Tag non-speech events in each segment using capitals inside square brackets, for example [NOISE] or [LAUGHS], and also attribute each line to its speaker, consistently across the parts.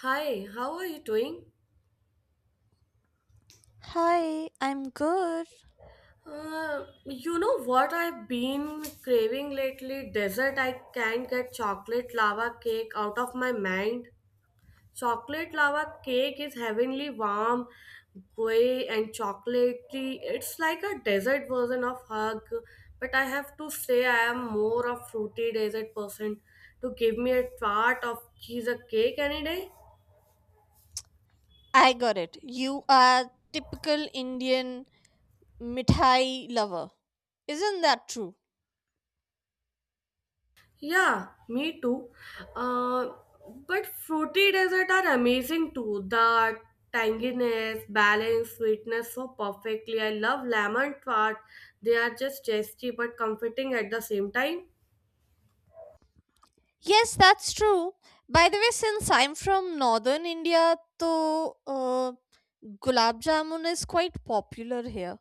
Speaker 1: Hi, how are you doing?
Speaker 2: Hi, I'm good.
Speaker 1: You know what I've been craving lately? Dessert. I can't get chocolate lava cake out of my mind. Chocolate lava cake is heavenly warm, gooey and chocolatey. It's like a dessert version of hug, but I have to say I am more of fruity dessert person. To give me a tart of cheese a cake any day.
Speaker 2: I got it. You are typical Indian mithai lover. Isn't that true?
Speaker 1: Yeah, me too. Uh, but fruity desserts are amazing too. The tanginess, balance, sweetness so perfectly. I love lemon tart. They are just tasty but comforting at the same time.
Speaker 2: Yes, that's true. By the way, since I'm from northern India, so gulab jamun is quite popular here.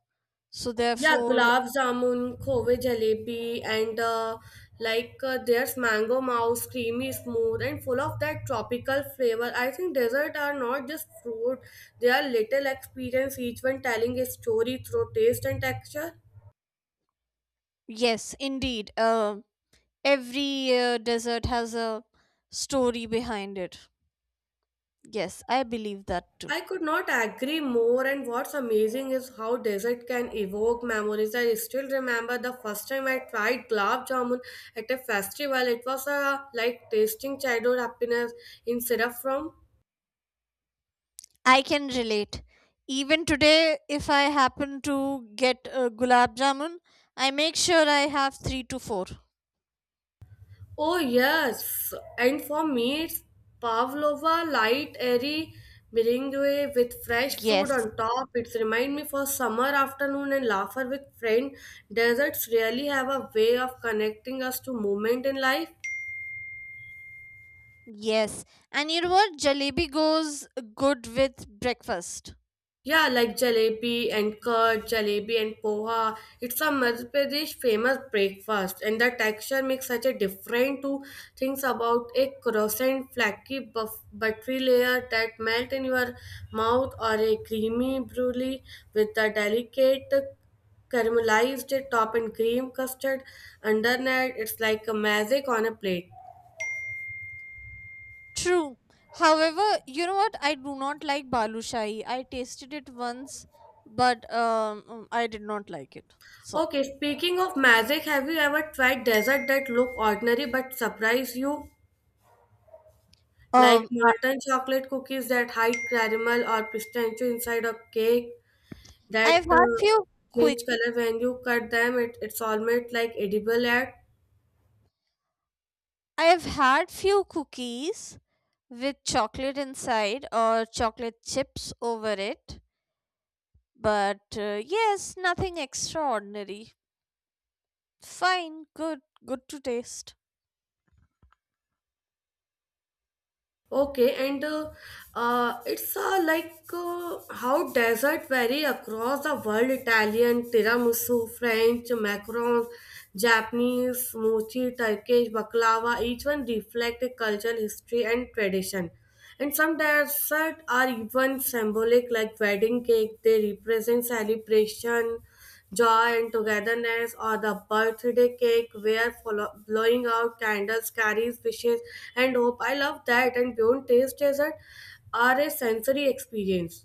Speaker 2: So
Speaker 1: Yeah,
Speaker 2: therefore,
Speaker 1: gulab jamun, khove jalebi, and there's mango mouse, creamy, smooth, and full of that tropical flavor. I think desserts are not just fruit; they are little experience, each one telling a story through taste and texture.
Speaker 2: yes, indeed, every desert has a story behind it. Yes, I believe that too.
Speaker 1: I could not agree more, and what's amazing is how dessert can evoke memories. I still remember the first time I tried gulab jamun at a festival. It was a, like tasting childhood happiness in syrup from.
Speaker 2: I can relate. Even today, if I happen to get a gulab jamun, I make sure I have three to four.
Speaker 1: Oh yes, and for me it's pavlova, light, airy meringue with fresh fruit
Speaker 2: Yes,
Speaker 1: on top. It's remind me for summer afternoon and laughter with friend. Desserts really have a way of connecting us to moment in life.
Speaker 2: yes. And you know what? Jalebi goes good with breakfast.
Speaker 1: Yeah, like jalebi and curd, jalebi and poha. It's a Madhya Pradesh famous breakfast, and the texture makes such a different to things about a croissant, flaky, buff, buttery layer that melt in your mouth, or a creamy brulee with a delicate caramelized top and cream custard underneath. It's like a magic on a plate.
Speaker 2: True. However, you know what? I do not like balushai. I tasted it once, but I did not like it. So,
Speaker 1: Okay, speaking of magic, have you ever tried dessert that look ordinary but surprise you? Like
Speaker 2: um, I,
Speaker 1: molten chocolate cookies that hide caramel or pistachio inside a cake that
Speaker 2: I've had few quick.
Speaker 1: change color when you cut them. It's almost like edible at.
Speaker 2: I have had few cookies with chocolate inside or chocolate chips over it, but yes, nothing extraordinary. Fine, good to taste.
Speaker 1: Okay, and it's how desert vary across the world. Italian tiramisu, French macarons, Japanese mochi, Turkish baklava. Each one reflect a cultural history and tradition. And some desserts are even symbolic, like wedding cake. They represent celebration, joy and togetherness, or the birthday cake where blowing out candles carries wishes and hope. I love that, and beyond taste dessert are a sensory experience.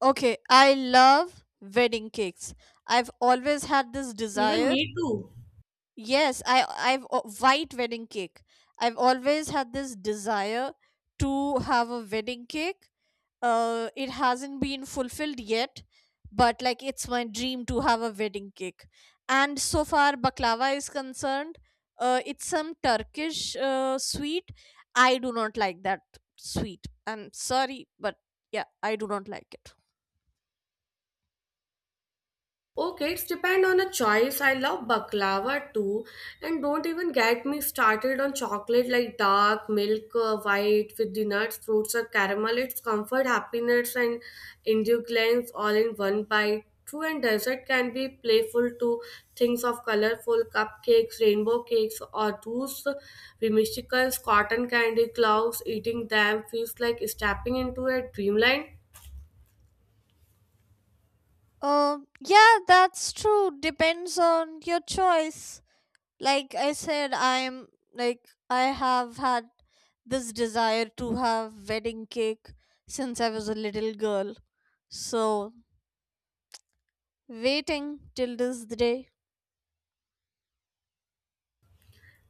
Speaker 2: Okay, I love wedding cakes. I've always had this
Speaker 1: Even
Speaker 2: desire.
Speaker 1: me too.
Speaker 2: Yes, I've o- white wedding cake. I've always had this desire to have a wedding cake. It hasn't been fulfilled yet, but like it's my dream to have a wedding cake. And so far, baklava is concerned. It's some Turkish sweet. I do not like that sweet. I'm sorry, but yeah, I do not like it.
Speaker 1: Okay, it's depend on a choice. I love baklava too, and don't even get me started on chocolate like dark, milk, white with the nuts, fruits, or caramel. It's comfort, happiness, and indulgence all in one bite. True, and dessert can be playful too. Things of colorful cupcakes, rainbow cakes, or those whimsical cotton candy clouds. Eating them feels like stepping into a dreamland.
Speaker 2: Yeah, that's true. Depends on your choice. Like I said, I'm like I have had this desire to have wedding cake since I was a little girl. So waiting till this day.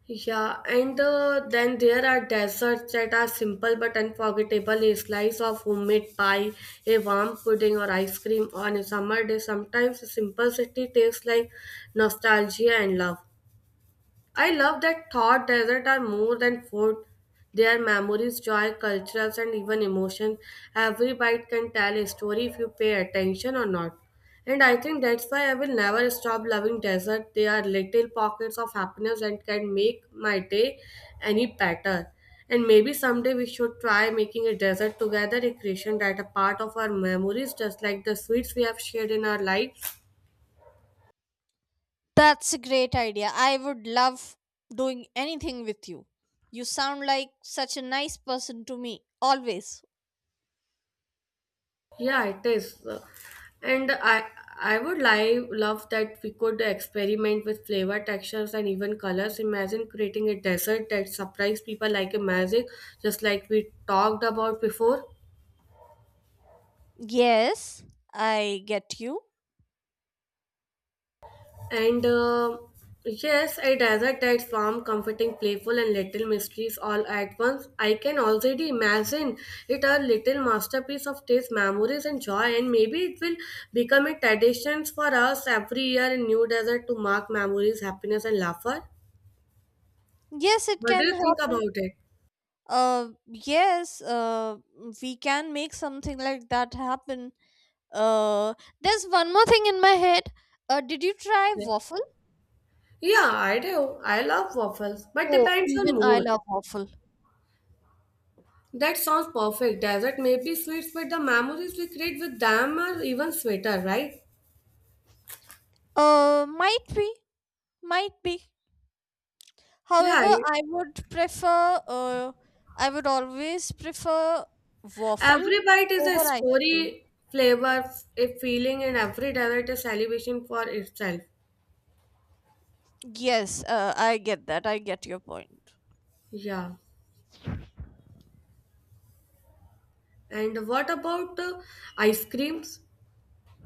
Speaker 1: Yeah, and then there are desserts that are simple but unforgettable. A slice of homemade pie, a warm pudding, or ice cream on a summer day. Sometimes the simplicity tastes like nostalgia and love. I love that thought desert are more than food. They are memories, joy, cultures, and even emotion. Every bite can tell a story if you pay attention or not. And I think that's why I will never stop loving desert. They are little pockets of happiness that can make my day any better. And maybe someday we should try making a desert together, a creation that a part of our memories, just like the sweets we have shared in our lives.
Speaker 2: That's a great idea. I would love doing anything with you. You sound like such a nice person to me, always.
Speaker 1: Yeah, it is. And I would like love that we could experiment with flavor, textures, and even colors. Imagine creating a dessert that surprise people like a magic, just like we talked about before.
Speaker 2: Yes, I get you.
Speaker 1: And yes, a desert that's warm, comforting, playful, and little mysteries all at once. I can already imagine it a little masterpiece of taste, memories, and joy. And maybe it will become a tradition for us every year in New Desert to mark memories, happiness, and laughter.
Speaker 2: Yes, it
Speaker 1: What do
Speaker 2: can
Speaker 1: you think
Speaker 2: happen.
Speaker 1: about it?
Speaker 2: Yes, we can make something like that happen. Uh, there's one more thing in my head. Did you try
Speaker 1: Yeah,
Speaker 2: waffle?
Speaker 1: yeah I do. I love waffles, but
Speaker 2: Oh,
Speaker 1: depends on
Speaker 2: even I
Speaker 1: mood.
Speaker 2: love waffle.
Speaker 1: That sounds perfect. Desert may be sweet, but the memories we create with them are even sweeter, right?
Speaker 2: Uh, might be, might be.
Speaker 1: Yeah,
Speaker 2: However,
Speaker 1: I-
Speaker 2: I would prefer, I would always prefer waffle
Speaker 1: Every bite is a
Speaker 2: over ice cream.
Speaker 1: story, flavor, a feeling, and every dessert a celebration for itself.
Speaker 2: Yes, I get that. I get your point.
Speaker 1: Yeah. And what about ice creams?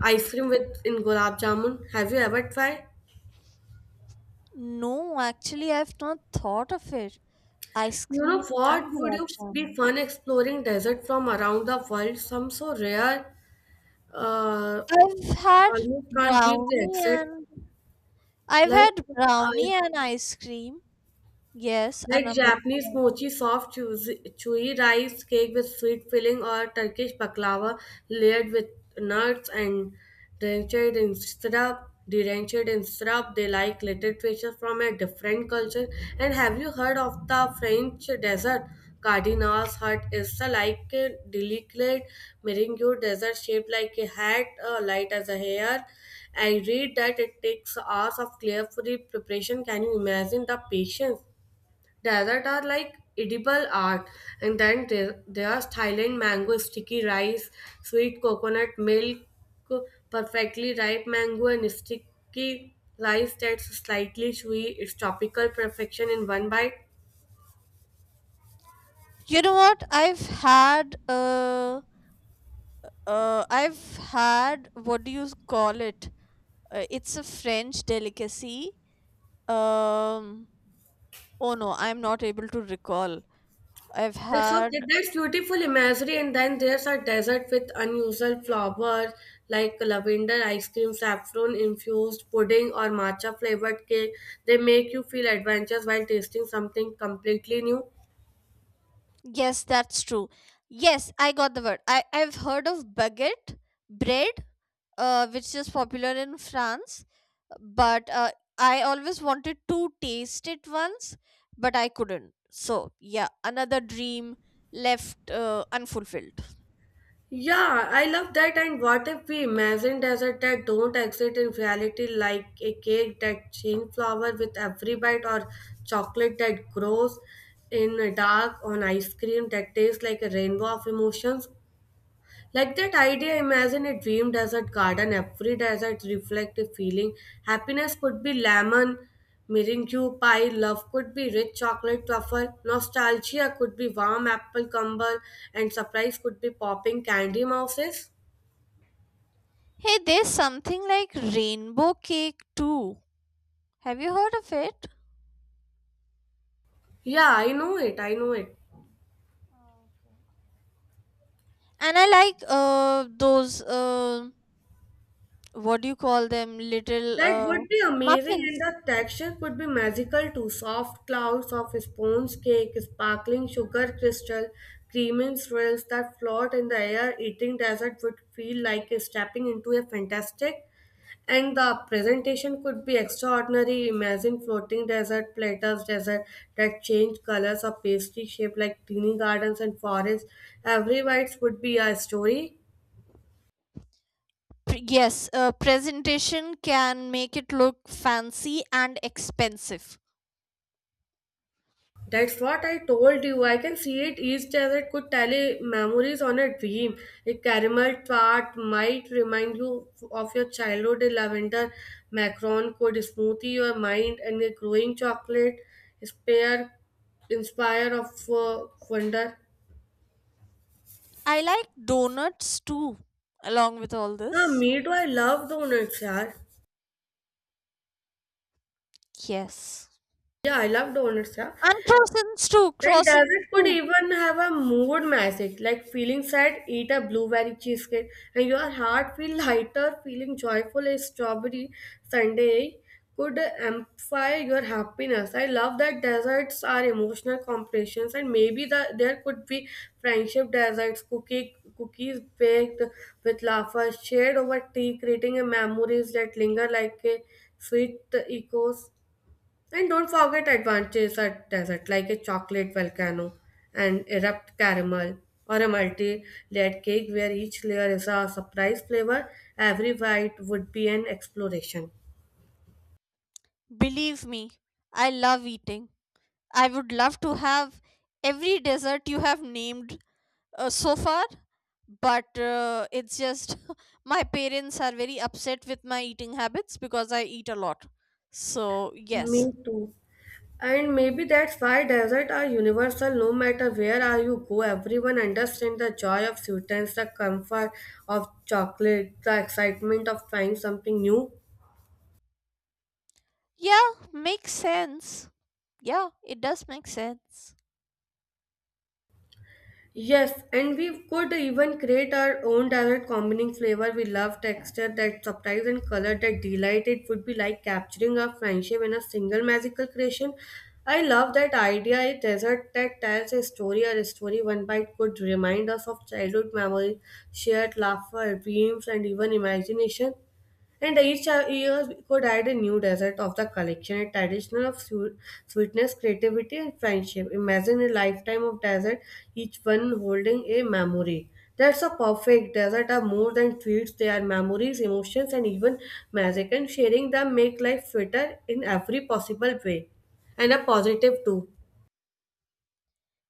Speaker 1: Ice cream with in gulab jamun. Have you ever tried?
Speaker 2: No, actually, I've not thought of it. Ice
Speaker 1: You know
Speaker 2: cream and
Speaker 1: what would
Speaker 2: gulab
Speaker 1: you be
Speaker 2: jamun.
Speaker 1: fun exploring desert from around the world? Some so rare, uh,
Speaker 2: I've had
Speaker 1: almost can't believe they
Speaker 2: brownie
Speaker 1: exist.
Speaker 2: and I've
Speaker 1: Like
Speaker 2: had
Speaker 1: I
Speaker 2: brownie and ice cream. Yes, a
Speaker 1: Like
Speaker 2: number of
Speaker 1: Japanese
Speaker 2: times.
Speaker 1: mochi, soft, chewy rice cake with sweet filling, or Turkish baklava layered with nuts and drenched in syrup. Drenched in syrup, they like little treasures from a different culture. And have you heard of the French dessert? Cardinal's hut is a like a delicate meringue dessert shaped like a hat, light as a hair. I read that it takes hours of careful preparation. Can you imagine the patience? Desert are like edible art, and then there are Thailand mango, sticky rice, sweet coconut milk, perfectly ripe mango, and sticky rice that's slightly chewy. It's tropical perfection in one bite.
Speaker 2: You know what? I've had, what do you call it? It's a French delicacy. Um oh no, I'm not able to recall. I've
Speaker 1: It's
Speaker 2: had.
Speaker 1: okay. That's beautiful imagery, and then there's a desert with unusual flowers like lavender ice cream, saffron infused pudding, or matcha flavored cake. They make you feel adventurous while tasting something completely new.
Speaker 2: Yes, that's true. Yes, I got the word. I've heard of baguette bread, which is popular in France, but I always wanted to taste it once, but I couldn't. So, yeah, another dream left unfulfilled.
Speaker 1: Yeah, I love that. And what if we imagine desert that don't exist in reality, like a cake that change flower with every bite, or chocolate that grows in a dark, on ice cream that tastes like a rainbow of emotions? Like that idea, imagine a dream desert garden. Every desert reflect a feeling. Happiness could be lemon, meringue pie. Love could be rich chocolate truffle. Nostalgia could be warm apple crumble. And surprise could be popping candy mouses.
Speaker 2: Hey, there's something like rainbow cake too. Have you heard of it?
Speaker 1: Yeah, I know it. I know it.
Speaker 2: Oh, okay. And I like those uh what do you call them little
Speaker 1: That
Speaker 2: uh
Speaker 1: would be amazing, and
Speaker 2: muffins.
Speaker 1: the texture could be magical too. Soft clouds of sponge cake, sparkling sugar crystal, creaming swirls that float in the air. Eating dessert would feel like stepping into a fantastic, and the presentation could be extraordinary. Imagine floating dessert platters, dessert that change colors or pastry shaped like teeny gardens and forests. Every bite would be a story.
Speaker 2: Yes, presentation can make it look fancy and expensive.
Speaker 1: That's what I told you. I can see it. Each desert could tally memories on a dream. A caramel tart might remind you of your childhood. A lavender macaron could smoothie your mind, and a growing chocolate spare inspire of wonder.
Speaker 2: I like donuts too, along with all
Speaker 1: Ah,
Speaker 2: this.
Speaker 1: me too. I love donuts, yaar.
Speaker 2: Yes.
Speaker 1: Yeah, I love donuts, yeah.
Speaker 2: And croissants too,
Speaker 1: And
Speaker 2: croissants
Speaker 1: dessert could
Speaker 2: too.
Speaker 1: even have a mood message like feeling sad, eat a blueberry cheesecake, and your heart feel lighter, feeling joyful. A strawberry sundae could amplify your happiness. I love that desserts are emotional compressions, and maybe there could be friendship desserts, cookies baked with laughter, shared over tea, creating a memories that linger like a sweet echoes. And don't forget advantages at desert, like a chocolate volcano, an erupt caramel, or a multi-layered cake where each layer is a surprise flavor. Every bite would be an exploration.
Speaker 2: Believe me, I love eating. I would love to have every dessert you have named so far, but it's just [LAUGHS] my parents are very upset with my eating habits because I eat a lot. So, yes.
Speaker 1: Me too. And maybe that's why desert are universal. No matter where are you go, everyone understands the joy of sweetness, the comfort of chocolate, the excitement of trying something new.
Speaker 2: Yeah, makes sense. Yeah, it does make sense.
Speaker 1: Yes, and we could even create our own dessert combining flavor we love, texture, that surprise and color that delight. It would be like capturing our friendship in a single magical creation. I love that idea. A dessert that tells a story or a story one bite could remind us of childhood memories, shared laughter, dreams, and even imagination. And each year could add a new desert of the collection, a traditional of sweetness, creativity, and friendship. Imagine a lifetime of desert, each one holding a memory. That's a perfect desert are more than sweets, they are memories, emotions, and even magic. And sharing them make life sweeter in every possible way. And a positive too.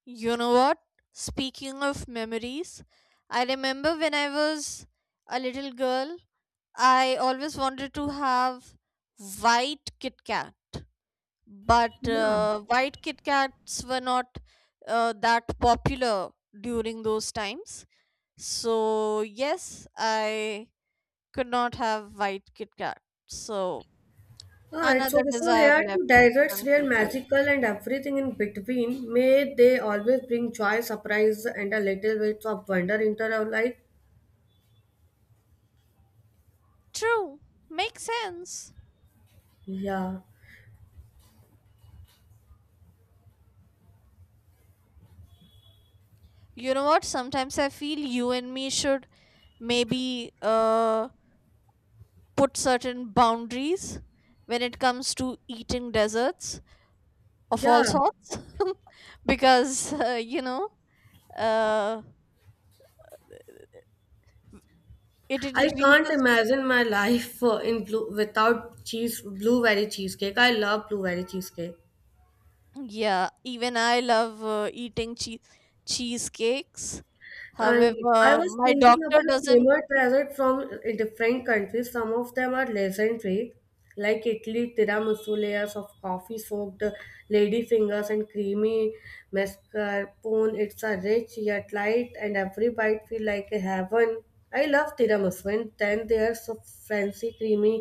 Speaker 2: You know what? Speaking of memories, I remember when I was a little girl, I always wanted to have white Kit Kat, but
Speaker 1: Yeah.
Speaker 2: white Kit Kats were not that popular during those times. So, yes, I could not have white Kit Kat. So,
Speaker 1: Ah, it's
Speaker 2: another
Speaker 1: okay. So
Speaker 2: desire
Speaker 1: here too,
Speaker 2: left
Speaker 1: deserts, real
Speaker 2: unfulfilled.
Speaker 1: magical and everything in between. May they always bring joy, surprise, and a little bit of wonder into our life.
Speaker 2: True, makes sense.
Speaker 1: Yeah,
Speaker 2: You know what? Sometimes I feel you and me should maybe put certain boundaries when it comes to eating desserts of all
Speaker 1: yeah.
Speaker 2: sorts [LAUGHS] because uh, it
Speaker 1: I can't
Speaker 2: increases.
Speaker 1: imagine my life in blue without cheese, blueberry cheesecake. I love blueberry cheesecake.
Speaker 2: Yeah, even I love eating cheesecakes,
Speaker 1: I I
Speaker 2: however
Speaker 1: was
Speaker 2: my
Speaker 1: thinking
Speaker 2: doctor
Speaker 1: about
Speaker 2: doesn't.
Speaker 1: famous desserts from different countries. Some of them are legendary, like Italy, tiramisu layers of coffee-soaked ladyfingers and creamy mascarpone. It's a rich yet light, and every bite feel like a heaven. I love tiramisu, and then there's a fancy creamy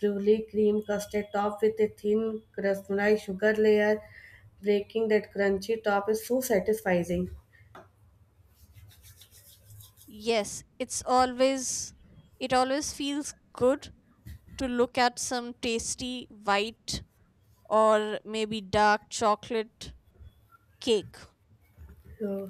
Speaker 1: brulee cream custard topped with a thin caramelized sugar layer, breaking that crunchy top is so satisfying.
Speaker 2: Yes, it always feels good to look at some tasty white or maybe dark chocolate cake.
Speaker 1: Yeah.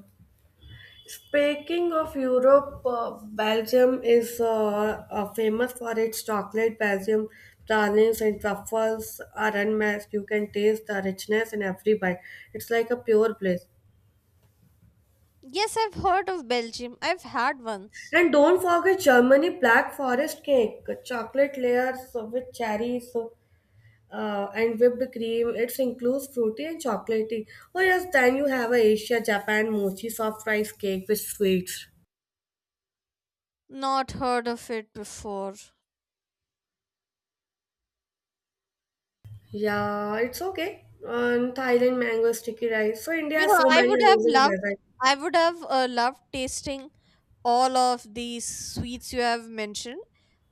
Speaker 1: Speaking of Europe, Belgium is famous for its chocolate. Belgium pralines and truffles are unmatched. You can taste the richness in every bite. It's like a pure bliss.
Speaker 2: Yes, I've heard of Belgium. I've had once.
Speaker 1: And don't forget Germany black forest cake, chocolate layers with cherries and whipped cream. It includes fruity and chocolatey. Oh yes, then you have a Asia, Japan mochi soft rice cake with sweets.
Speaker 2: Not heard of it before.
Speaker 1: Yeah, it's okay. And Thailand mango sticky rice. So India
Speaker 2: You
Speaker 1: has
Speaker 2: know,
Speaker 1: so many amazing desserts.
Speaker 2: I would have loved tasting all of these sweets you have mentioned.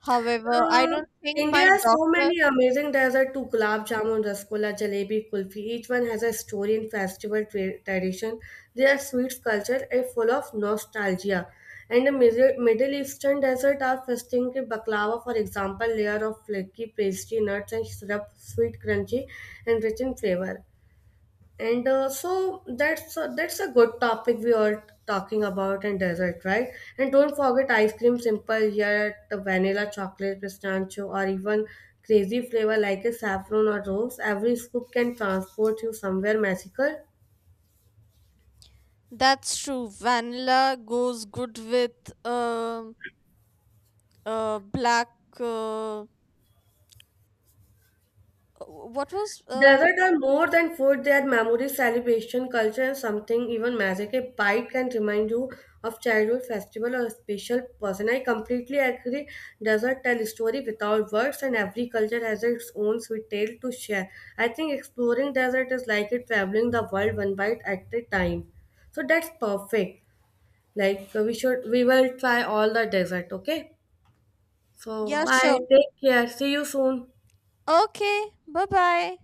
Speaker 2: However, I
Speaker 1: Uh,
Speaker 2: don't think
Speaker 1: India
Speaker 2: my
Speaker 1: has so
Speaker 2: doctor.
Speaker 1: many amazing desserts to gulab jamun, rasgulla, jalebi, kulfi. Each one has a story and festival tradition. Their sweets culture is full of nostalgia. And the Middle Eastern desert are festing ki baklava, for example, layer of flaky pastry, nuts and syrup, sweet, crunchy, and rich in flavor. And so that's a good topic we are talking about in dessert, right? And don't forget ice cream, simple yet the vanilla chocolate pistachio or even crazy flavor like a saffron or rose, every scoop can transport you somewhere magical.
Speaker 2: That's true. Vanilla goes good with uh, black. Uh, what was?
Speaker 1: Desert are more than food, they are memory, celebration, culture, and something even magic. A bite can remind you of childhood festival or a special person. I completely agree. Desert tell story without words, and every culture has its own sweet tale to share. I think exploring desert is like it traveling the world one bite at a time. So that's perfect. We will try all the desert. Okay. So
Speaker 2: Yeah,
Speaker 1: bye.
Speaker 2: sure.
Speaker 1: Take care. See you soon.
Speaker 2: Okay. Bye bye.